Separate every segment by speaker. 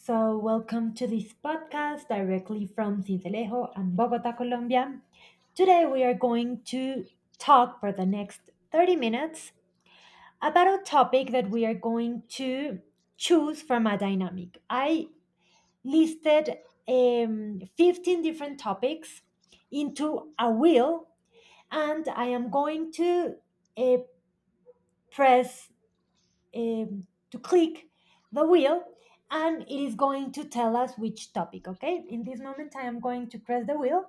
Speaker 1: So, welcome to this podcast directly from Cincelejo and Bogota, Colombia. Today, we are going to talk for the next 30 minutes about a topic that we are going to choose from a dynamic. I listed 15 different topics into a wheel, and I am going to uh, press um, to click the wheel, and it is going to tell us which topic. Okay, in this moment I am going to press the wheel.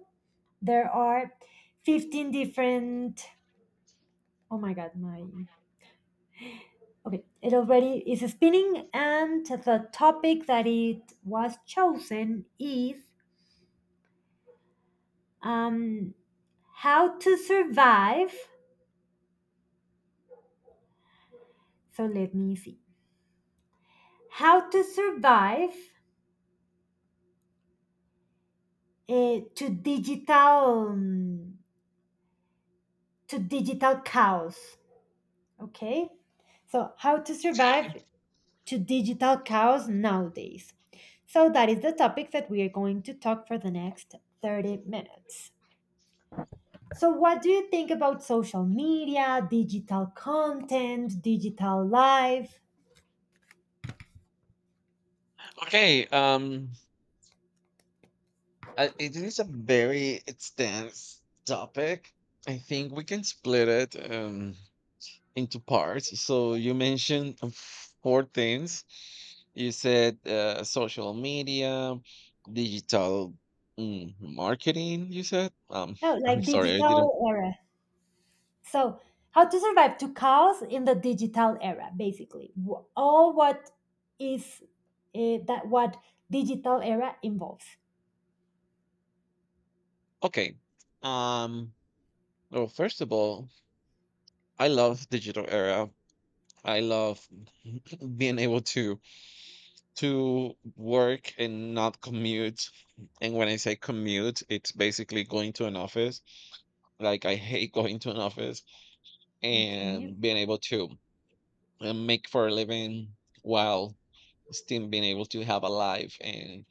Speaker 1: There are 15 different... oh my god, my... okay, it already is spinning, and the topic that it was chosen is um how to survive. So let me see, how to survive uh, to digital um, to digital chaos. Okay. So, how to
Speaker 2: Okay.
Speaker 1: survive to digital chaos nowadays. So, that is the topic that we are going to talk for the next 30 minutes. So, what do you think about social media, digital content, digital life?
Speaker 2: Okay. Um, it is a very extensive topic. I think we can split it into parts. So you mentioned four things. You said social media, digital marketing. You said.
Speaker 1: No,
Speaker 2: I'm
Speaker 1: like
Speaker 2: sorry, I didn't.
Speaker 1: digital era. So, how to survive to chaos in the digital era, basically. All what is that what digital era involves.
Speaker 2: Okay. Um. Well, first of all, I love digital era. I love being able to work and not commute. And when I say commute, it's basically going to an office. Like I hate going to an office
Speaker 1: Okay.
Speaker 2: and being able to make for a living while still being able to have a life and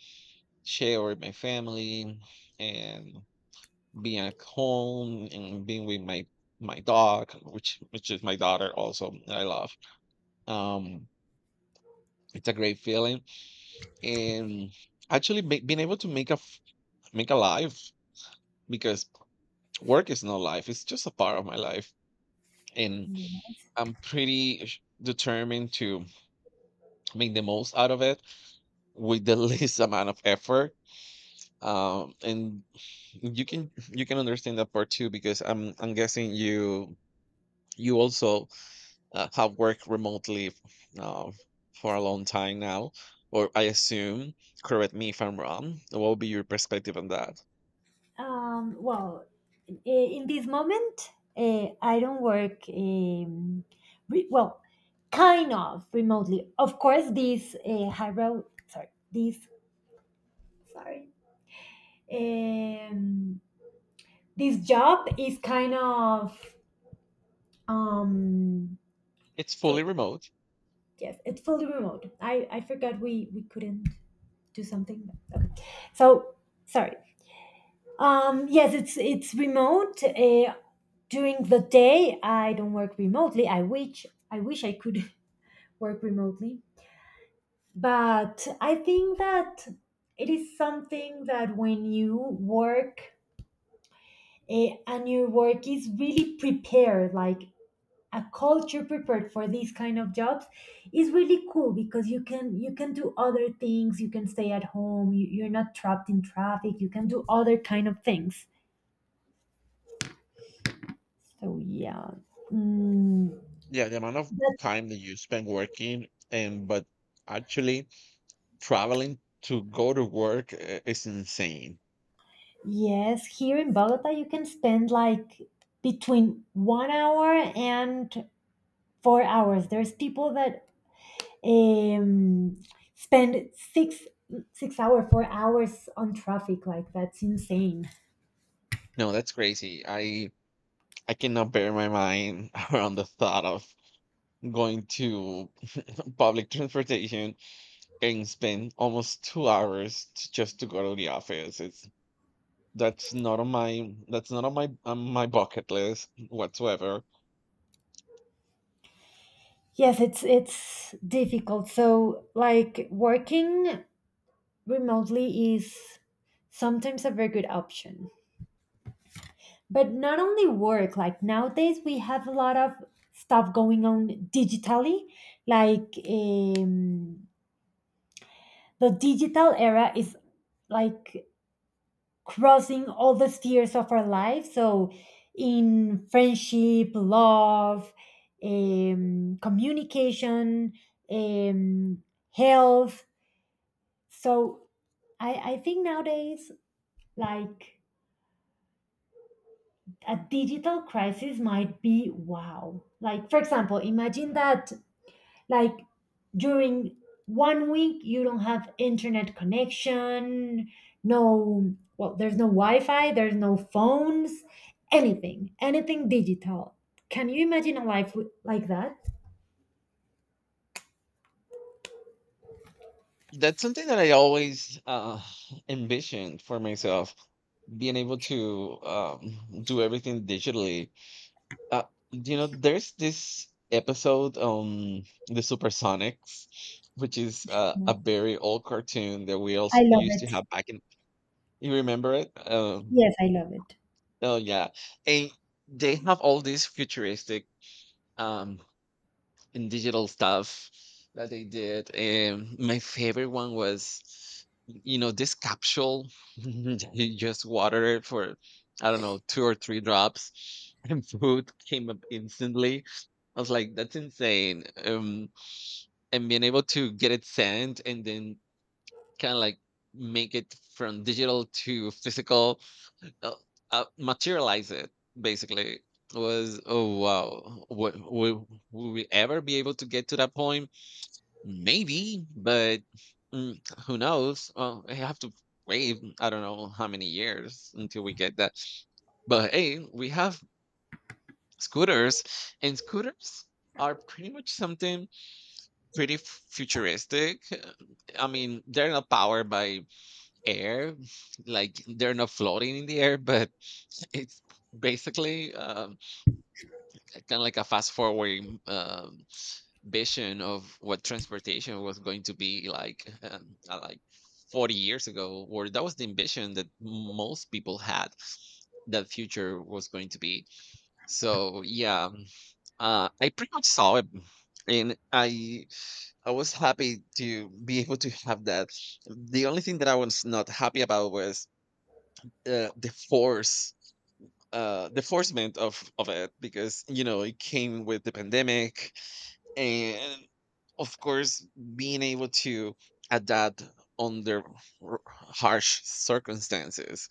Speaker 2: share with my family and being at home and being with my dog, which is my daughter also that I love. Um, it's a great feeling and being able to make a life because work is not life, it's just a part of my life. And
Speaker 1: Yeah.
Speaker 2: I'm determined to make the most out of it with the least amount of effort. And you can understand that part too because I'm guessing you, you also have worked remotely uh, for a long time now, or I assume. Correct me if I'm wrong, what would be your perspective on that?
Speaker 1: Well, in this moment, I don't work. Well, kind of remotely. Of course, this hybrid. Sorry, this, sorry. Um, this job is kind of um.
Speaker 2: It's
Speaker 1: So
Speaker 2: fully remote.
Speaker 1: yes, it's fully remote. I forgot we couldn't do something. So sorry. Yes, it's remote. During the day, I don't work remotely. I wish I could work remotely. But I think that it is something that when you work, and your work is really prepared, like a culture prepared for these kind of jobs, is really cool, because you can, do other things, you can stay at home, you're not trapped in traffic, you can do other kind of things, so yeah. Mm,
Speaker 2: Yeah, the amount of
Speaker 1: but
Speaker 2: time that you spend working and but actually traveling to go to work is insane.
Speaker 1: yes, here in Bogota you can spend like between one hour and 4 hours. There's people that um, spend 4 hours on traffic. Like that's insane.
Speaker 2: No, that's crazy. I cannot bear my mind around the thought of going to public transportation and spend almost 2 hours to, just to go to the office. It's that's not on my that's not on my on my bucket list whatsoever.
Speaker 1: Yes, it's difficult. So like working remotely is sometimes a very good option. But not only work, like nowadays we have a lot of stuff going on digitally. Like, the digital era is like crossing all the spheres of our life. So, in friendship, love, communication, um, health. So, I think nowadays, like a digital crisis might be wow. Like, for example, imagine that, like, during one week you don't have internet connection. No, well, there's no wi-fi, there's no phones, anything digital. Can you imagine a life like that?
Speaker 2: That's something that I always envisioned for myself, being able to do everything digitally. Uh, you know, there's this episode on the Supersonics, which is a
Speaker 1: Yes.
Speaker 2: very old cartoon that we
Speaker 1: I
Speaker 2: also
Speaker 1: love
Speaker 2: used to
Speaker 1: it.
Speaker 2: have back in. You remember it? Um,
Speaker 1: Yes, I love it.
Speaker 2: oh yeah, and they have all these futuristic um, and digital stuff that they did. And my favorite one was, you know, this capsule. You just water it for, I don't know, two or three drops, and food came up instantly. I was like, that's insane. And being able to get it sent and then kind of like make it from digital to physical, uh, materialize it basically was oh wow. Would we ever be able to get to that point? Maybe, but mm, who knows? Well, I have to wait. I don't know how many years until we get that. But hey, we have scooters, and scooters are pretty much something pretty futuristic. I mean, they're not powered by air, like they're not floating in the air, but it's basically kind of like a fast forwarding. Vision of what transportation was going to be like 40 years ago, or that was the ambition that most people had that future was going to be. So yeah, I pretty much saw it, and I was happy to be able to have that. The only thing that I was not happy about was uh, the force the forcement of it, because you know it came with the pandemic. And of course, being able to adapt under harsh circumstances,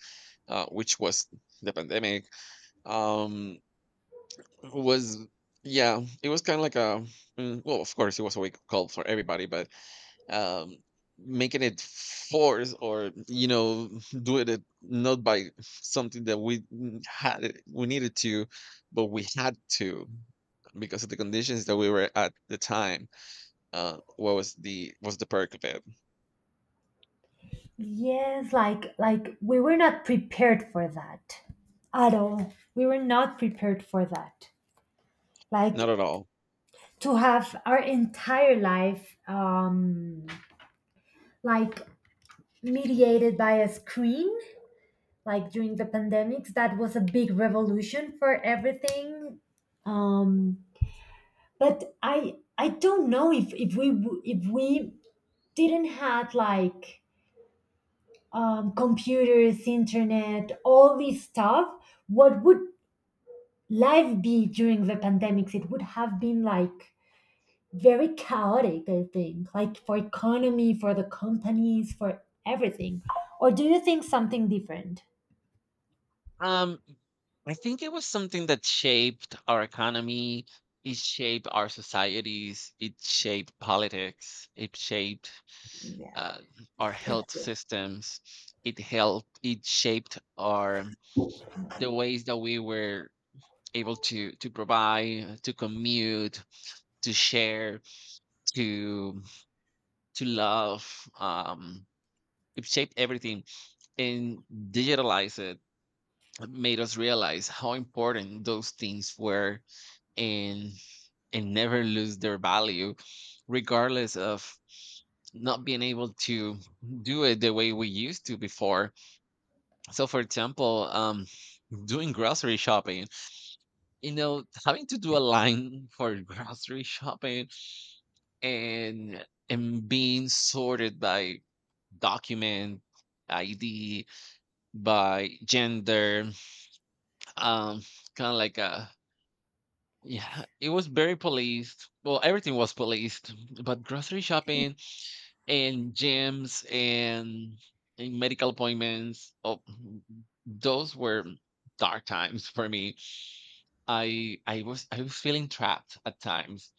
Speaker 2: which was the pandemic, um was, yeah, it was kind of like a well, of course it was a wake up call for everybody. But um making it force, or you know, doing it not by something that we needed to, but we had to because of the conditions that we were at the time. What was the, was the perk of it?
Speaker 1: Yes, like we were not prepared for that at all. We were not prepared for that,
Speaker 2: Not
Speaker 1: like,
Speaker 2: at all.
Speaker 1: to have our entire life, like, mediated by a screen. Like during the pandemics, that was a big revolution for everything. um but I don't know if we didn't had, like, computers, internet, all this stuff, what would life be during the pandemics? It would have been like very chaotic, I think, like for economy, for the companies, for everything. Or do you think something different?
Speaker 2: Um, I think it was something that shaped our economy, it shaped our societies, it shaped politics, it shaped
Speaker 1: Yeah.
Speaker 2: uh, our health systems, it helped, it shaped our the ways that we were able to provide, to commute, to share, to to love. It shaped everything and digitalized it. Made us realize how important those things were, and and never lose their value regardless of not being able to do it the way we used to before. So for example, doing grocery shopping, you know, having to do a line for grocery shopping, and being sorted by document id, by gender, um kind of like a, yeah, it was very policed. Well, everything was policed, but grocery shopping and gyms and medical appointments, oh, those were dark times for me. I was feeling trapped at times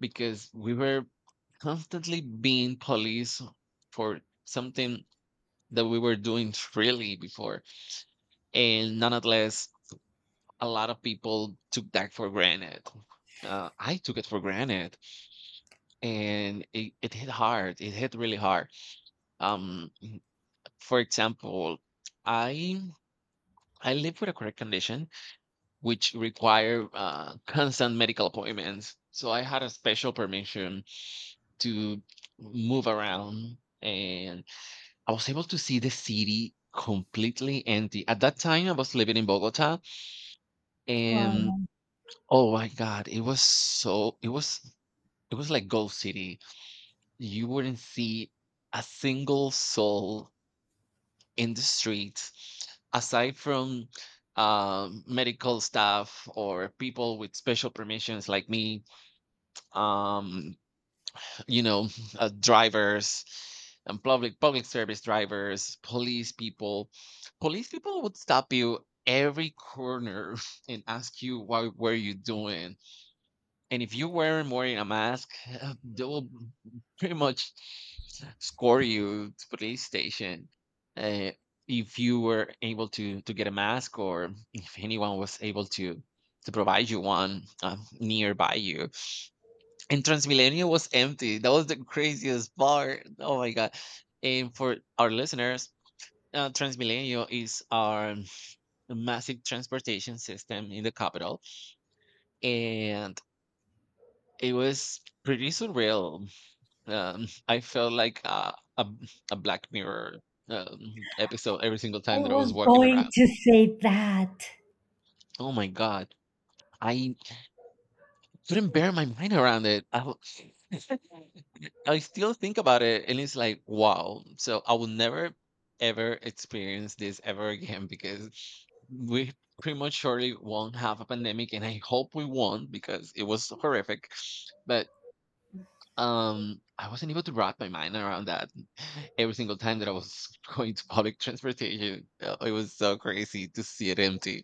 Speaker 2: because we were constantly being policed for something that we were doing freely before. And nonetheless, a lot of people took that for granted. I took it for granted, and it hit hard. It hit really hard. Um, for example, I I live with a chronic condition which require constant medical appointments. So I had a special permission to move around, and I was able to see the city completely empty. At that time, I was living in Bogota, and
Speaker 1: Wow.
Speaker 2: oh my God, it was, it was like Ghost City. You wouldn't see a single soul in the streets, aside from medical staff or people with special permissions like me. um, you know, drivers and public service drivers, police people would stop you every corner and ask you what were you doing, and if you weren't wearing a mask, they will pretty much score you to police station. Uh, if you were able to get a mask, or if anyone was able to provide you one nearby you. And Transmilenio was empty. That was the craziest part. Oh my god! And for our listeners, Transmilenio is our massive transportation system in the capital, and it was pretty surreal. I felt like a Black Mirror, episode every single
Speaker 1: I
Speaker 2: time that I was
Speaker 1: was
Speaker 2: walking
Speaker 1: going
Speaker 2: around.
Speaker 1: to say that.
Speaker 2: Oh my god, I couldn't bear my mind around it. I w I still think about it, and it's like, wow. So I will never, ever experience this ever again because we pretty much surely won't have a pandemic, and I hope we won't because it was horrific. But I wasn't able to wrap my mind around that. Every single time that I was going to public transportation, it was so crazy to see it empty.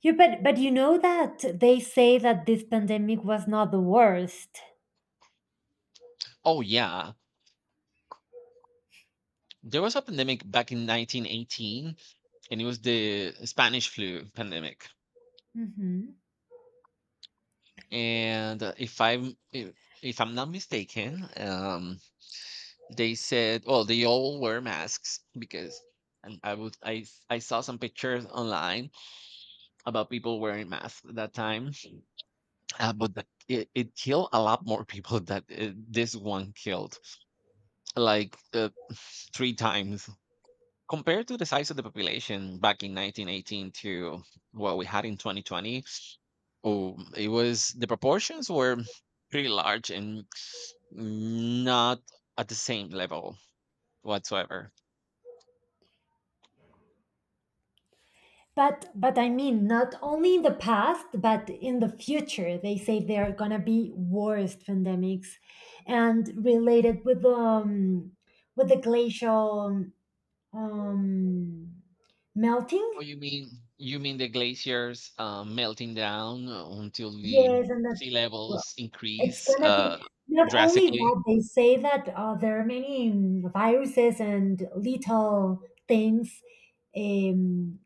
Speaker 1: You, but you know that they say that this pandemic was not the worst.
Speaker 2: Oh yeah, there was a pandemic back in 1918, and it was the Spanish flu pandemic.
Speaker 1: Hmm.
Speaker 2: And if I'm not mistaken, they said, well, they all wear masks because, and I would I saw some pictures online about people wearing masks at that time. But that it killed a lot more people that this one killed, like three times compared to the size of the population back in 1918 to what we had in 2020. Oh, it was, the proportions were pretty large and not at the same level whatsoever.
Speaker 1: But I mean, not only in the past, but in the future, they say there are gonna be worse pandemics, and related with the, glacial, um melting.
Speaker 2: Oh, you mean, you mean the glaciers melting down until the
Speaker 1: Yes, and that,
Speaker 2: sea
Speaker 1: well,
Speaker 2: levels
Speaker 1: it's
Speaker 2: increase
Speaker 1: gonna be not only
Speaker 2: drastically?
Speaker 1: that. They say that there are many, viruses and little things, um,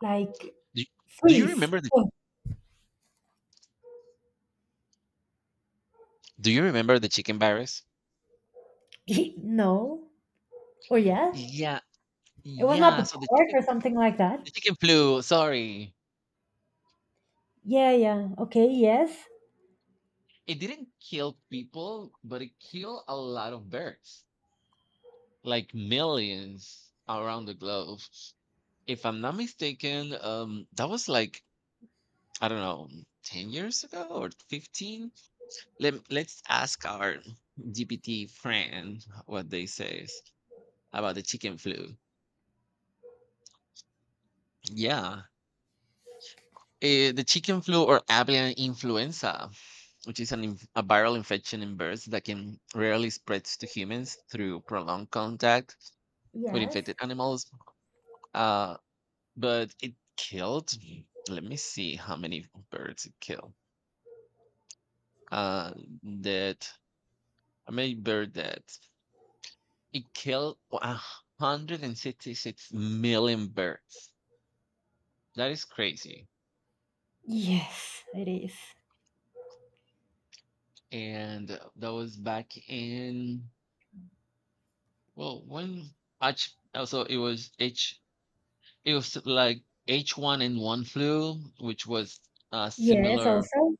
Speaker 1: like,
Speaker 2: Do you, do you
Speaker 1: freeze.
Speaker 2: remember the,
Speaker 1: Oh,
Speaker 2: do you remember the chicken virus?
Speaker 1: no, or yes?
Speaker 2: Yeah,
Speaker 1: It was not
Speaker 2: yeah.
Speaker 1: the
Speaker 2: So the
Speaker 1: pork
Speaker 2: chicken,
Speaker 1: or something like that.
Speaker 2: the chicken flu. Sorry,
Speaker 1: Yeah, yeah. Okay, yes.
Speaker 2: it didn't kill people, but it killed a lot of birds, like millions around the globe. If I'm not mistaken, that was like, I don't know, 10 years ago or 15. Let Let's ask our GPT friend what they says about the chicken flu. Yeah, the chicken flu or avian influenza, which is a viral infection in birds that can rarely spreads to humans through prolonged contact with
Speaker 1: Yes.
Speaker 2: infected animals. Uh, but it killed, let me see how many birds it killed. Uh, that, how many bird that it killed 166 million birds. That is crazy.
Speaker 1: Yes, it is.
Speaker 2: And that was back in, well, when H, also it was H, it was like H1N1 flu, which was a
Speaker 1: Yes,
Speaker 2: similar,
Speaker 1: also.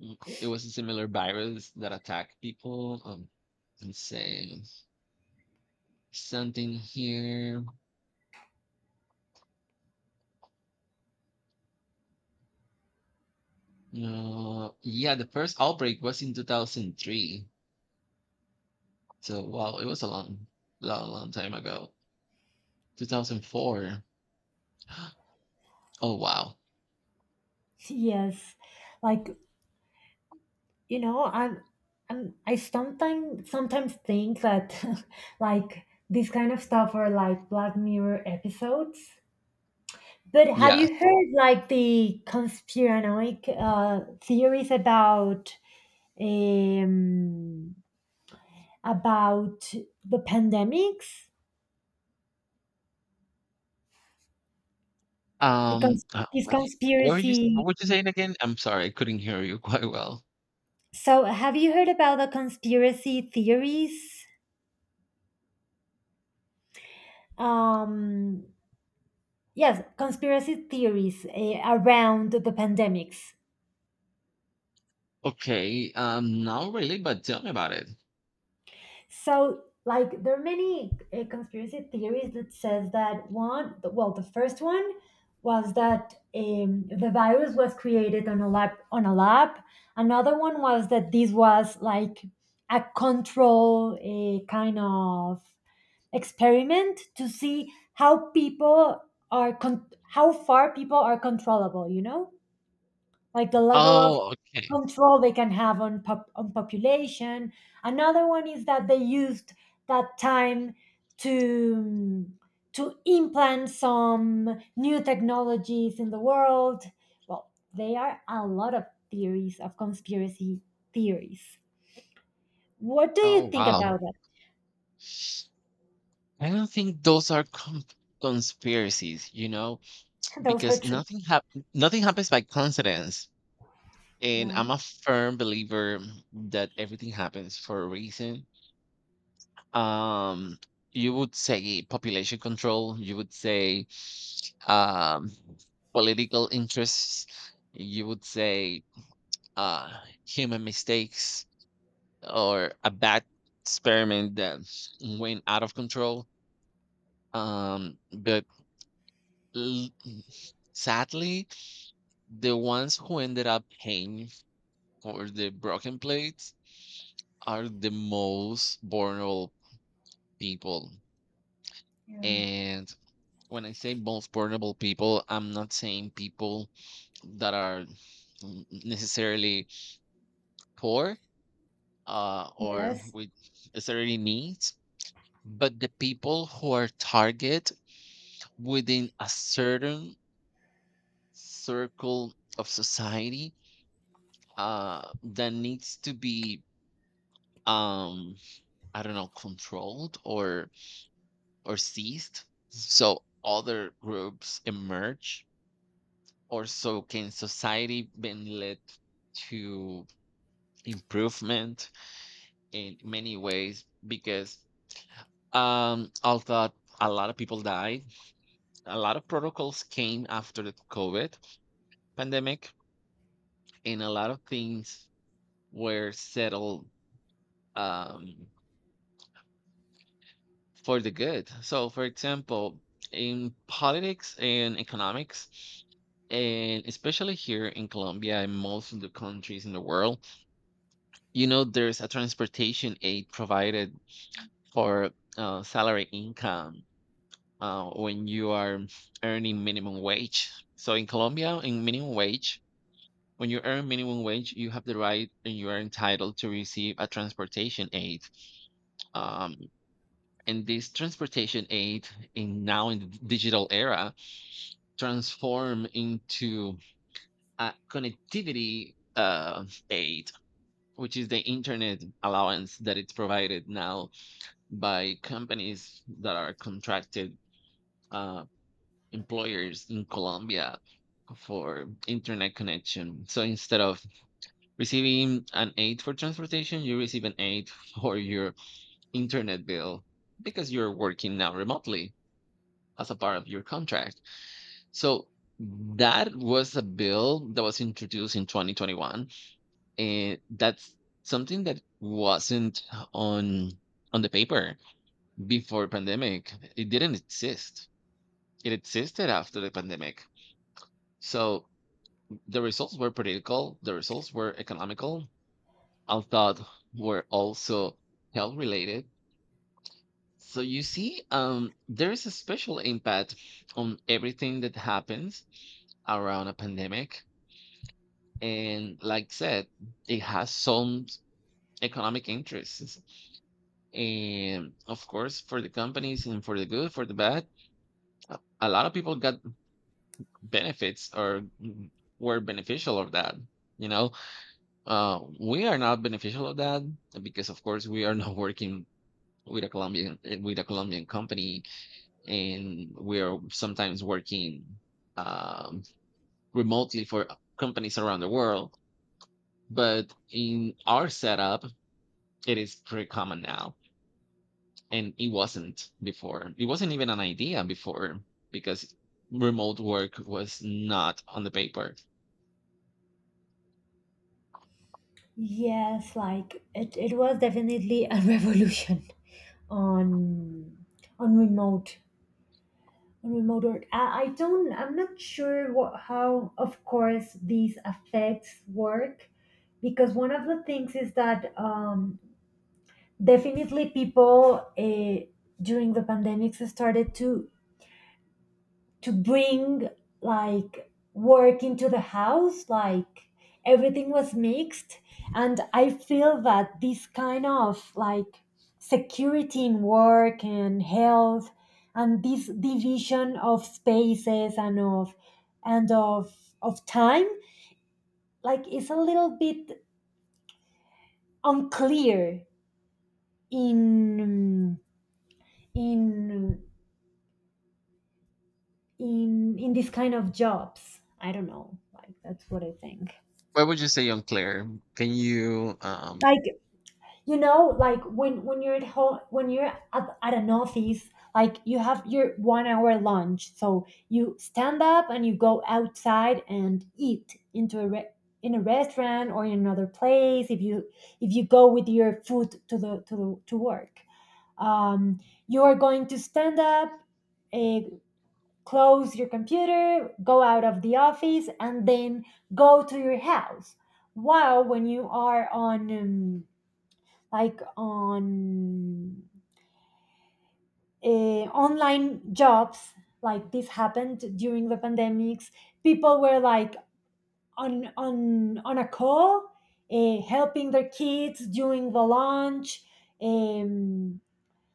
Speaker 2: it was a similar virus that attacked people. Let's say something here. Yeah, the first outbreak was in 2003. So, wow, it was a long, long, long time ago. 2004. Oh, wow.
Speaker 1: Yes. Like, you know, I'm I sometimes think that like this kind of stuff are like Black Mirror episodes. But have
Speaker 2: Yes.
Speaker 1: you heard, like, the conspiranoic theories about, um about the pandemics?
Speaker 2: Um,
Speaker 1: Because cons-
Speaker 2: uh,
Speaker 1: this
Speaker 2: what, did-
Speaker 1: conspiracy
Speaker 2: what were you saying again? I'm sorry, I couldn't hear you quite well.
Speaker 1: So have you heard about the conspiracy theories, um yes, conspiracy theories, around the pandemics.
Speaker 2: Okay, not really, but tell me about it.
Speaker 1: So, like, there are many conspiracy theories that says that one, well, the first one was that, the virus was created on a lab. On a lab. Another one was that this was like a control, a kind of experiment to see how people are, how far people are controllable. You know, like, the level of
Speaker 2: Oh, okay.
Speaker 1: control they can have on population. Another one is that they used that time to implant some new technologies in the world. Well, there are a lot of theories of conspiracy theories. What do you
Speaker 2: Oh,
Speaker 1: think
Speaker 2: wow.
Speaker 1: about that?
Speaker 2: I don't think those are conspiracies, you know,
Speaker 1: Those are
Speaker 2: because
Speaker 1: true.
Speaker 2: nothing happens by coincidence. And
Speaker 1: Yeah.
Speaker 2: I'm a firm believer that everything happens for a reason. Um, you would say population control, you would say um, political interests, you would say uh, human mistakes, or a bad experiment that went out of control. But l- sadly, the ones who ended up paying for the broken plates are the most vulnerable people.
Speaker 1: Yeah.
Speaker 2: And when I say most vulnerable people, I'm not saying people that are necessarily poor, or
Speaker 1: Yes.
Speaker 2: with necessarily needs, but the people who are target within a certain circle of society, that needs to be, um I don't know, controlled or seized, so other groups emerge or so can society been led to improvement in many ways. Because although a lot of people died, a lot of protocols came after the covid pandemic, and a lot of things were settled, um, for the good. So, for example, in politics and economics, and especially here in Colombia and most of the countries in the world, you know, there's a transportation aid provided for, salary income, when you are earning minimum wage. So, in Colombia, in minimum wage, when you earn minimum wage, you have the right and you are entitled to receive a transportation aid. Um, and this transportation aid, in now in the digital era, transform into a connectivity aid, which is the internet allowance that it's provided now by companies that are contracted, uh, employers in Colombia, for internet connection. So instead of receiving an aid for transportation, you receive an aid for your internet bill, because you're working now remotely as a part of your contract. So that was a bill that was introduced in 2021, and that's something that wasn't on the paper before pandemic. It didn't exist. It existed after the pandemic. So the results were political. The results were economical. I thought were also health related. So you see, there is a special impact on everything that happens around a pandemic, and like said, it has some economic interests. And of course, for the companies and for the good, for the bad, a lot of people got benefits or were beneficial of that. You know, we are not beneficial of that because, of course, we are not working with a Colombian with a Colombian company, and we are sometimes working, um, remotely for companies around the world. But in our setup, it is pretty common now, and it wasn't before. It wasn't even an idea before, because remote work was not on the paper.
Speaker 1: Yes, like it was definitely a revolution on on remote remote work. I'm not sure what, how, of course, these affects work, because one of the things is that, definitely people, during the pandemics, started to bring, like, work into the house, like everything was mixed. And I feel that this kind of, like, security in work and health, and this division of spaces and of and of time, like, is a little bit unclear in in this kind of jobs. I don't know, like, that's what I think.
Speaker 2: What would you say unclear? Can you
Speaker 1: Like, like, when you're at home, when you're at an office, like you have your one hour lunch, so you stand up and you go outside and eat into a, in a restaurant or in another place. If you, go with your food to the, to work, um, you are going to stand up, uh, close your computer, go out of the office, and then go to your house. While when you are on, like, on, online jobs, like this happened during the pandemics, people were like on, a call, helping their kids during the lunch, um,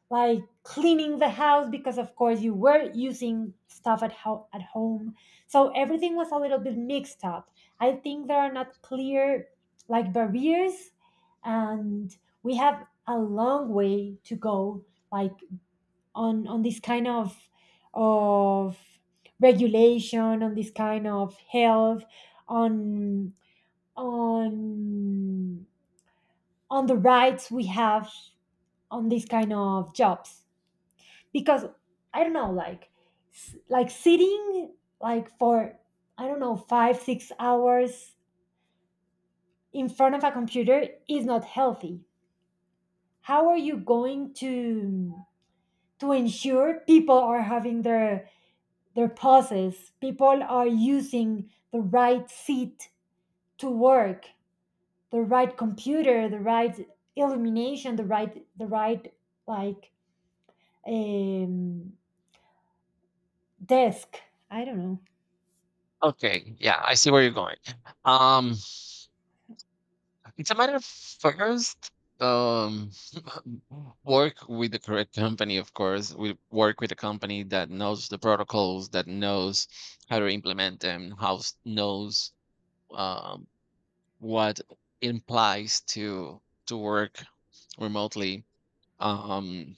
Speaker 1: like, cleaning the house, because of course you were using stuff at, at home, so everything was a little bit mixed up. I think there are not clear, like, barriers, and we have a long way to go, like, on this kind of of regulation, on this kind of health, on on the rights we have on this kind of jobs. Because I don't know, like, like, sitting, like, for I don't know, 5 6 hours in front of a computer is not healthy. How are you going to ensure people are having their pauses, people are using the right seat to work, the right computer, the right illumination, the right, like, um desk. I don't know.
Speaker 2: Okay, yeah, I see where you're going. Um it's a matter of first, um work with the correct company, of course. We work with a company that knows the protocols, that knows how to implement them, how knows um what implies to work remotely, um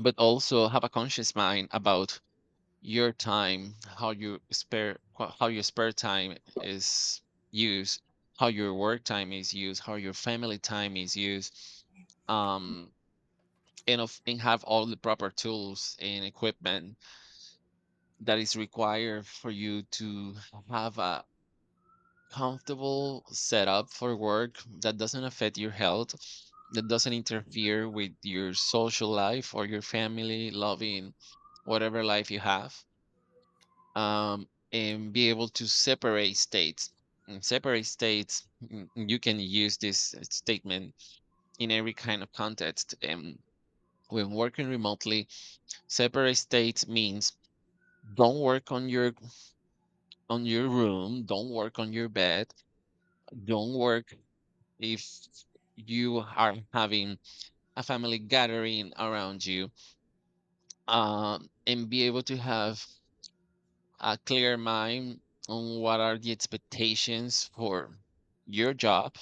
Speaker 2: but also have a conscious mind about your time, how you spare how your spare time is used, how your work time is used, how your family time is used, um and of, and have all the proper tools and equipment that is required for you to have a comfortable setup for work that doesn't affect your health, that doesn't interfere with your social life or your family, loving, whatever life you have, um, and be able to separate states. In separate states, mm, you can use this statement in every kind of context. And when working remotely, separate states means don't work on your room, don't work on your bed, don't work if you are having a family gathering around you, and be able to have a clear mind on what are the expectations for your job,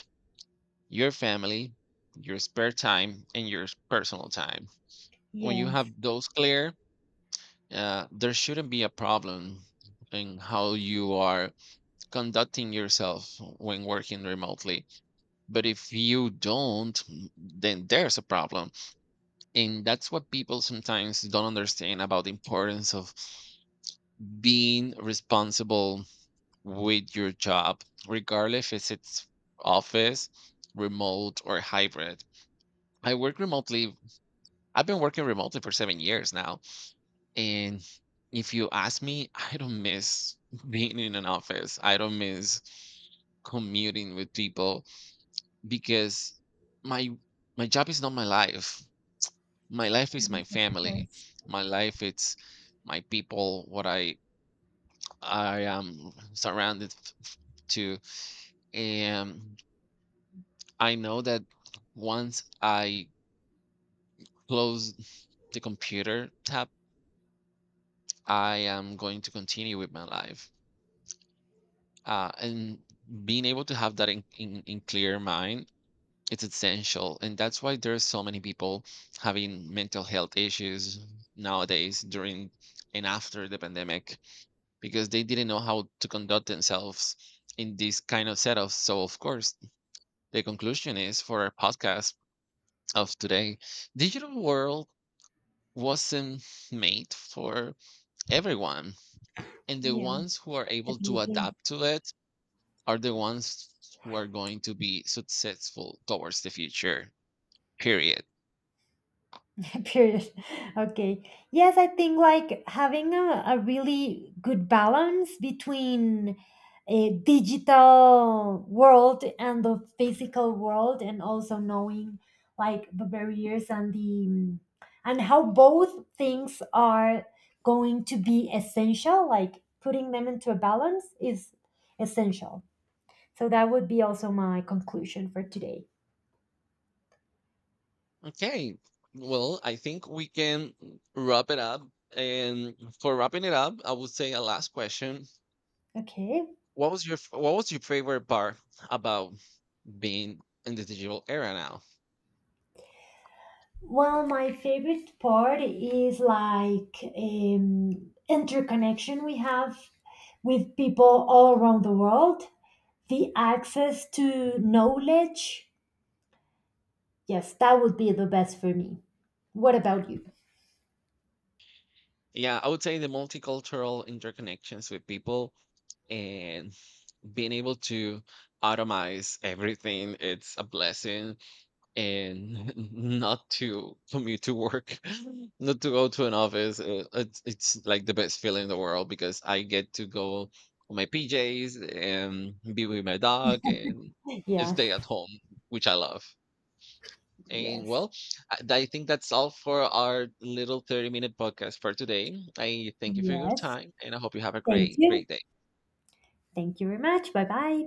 Speaker 2: your family, your spare time, and your personal time. When you have
Speaker 1: Yes.
Speaker 2: those clear, there shouldn't be a problem in how you are conducting yourself when working remotely. But if you don't, then there's a problem. And that's what people sometimes don't understand about the importance of being responsible with your job, regardless if it's office, remote, or hybrid. I work remotely. I've been working remotely for 7 years now. And if you ask me, I don't miss being in an office. I don't miss commuting with people, because my my job is not my life. My life is
Speaker 1: Yes,
Speaker 2: my
Speaker 1: of
Speaker 2: family.
Speaker 1: course.
Speaker 2: My life, it's my people, what I am surrounded to. And I know that once I close the computer tab, I am going to continue with my life. And being able to have that in clear mind, it's essential. And that's why there's so many people having mental health issues nowadays, during and after the pandemic, because they didn't know how to conduct themselves in these kind of setups. So, of course, the conclusion is for our podcast of today, digital world wasn't made for everyone, and the
Speaker 1: Yeah,
Speaker 2: ones who are able to
Speaker 1: definitely.
Speaker 2: adapt to it are the ones who are going to be successful towards the future. Period.
Speaker 1: Period. Okay. Yes, I think, like, having a really good balance between a digital world and the physical world, and also knowing, like, the barriers and the and how both things are going to be essential, like putting them into a balance is essential. So that would be also my conclusion for today.
Speaker 2: Okay. Well, I think we can wrap it up. And for wrapping it up, I would say a last question.
Speaker 1: Okay.
Speaker 2: What was your favorite part about being in the digital era now?
Speaker 1: Well, my favorite part is, like, interconnection we have with people all around the world, the access to knowledge. Yes, that would be the best for me. What about you?
Speaker 2: Yeah, I would say the multicultural interconnections with people, and being able to automize everything, it's a blessing. And not to commute to work, not to go to an office, it's like the best feeling in the world, because I get to go on my pjs and be with my dog, and
Speaker 1: Yeah.
Speaker 2: stay at home, which I love. And
Speaker 1: Yes.
Speaker 2: well, I I think that's all for our little 30-minute podcast for today. I thank you for your
Speaker 1: Yes.
Speaker 2: time, and I hope you have a
Speaker 1: Thank
Speaker 2: great,
Speaker 1: you.
Speaker 2: great day.
Speaker 1: Thank you very much. Bye bye.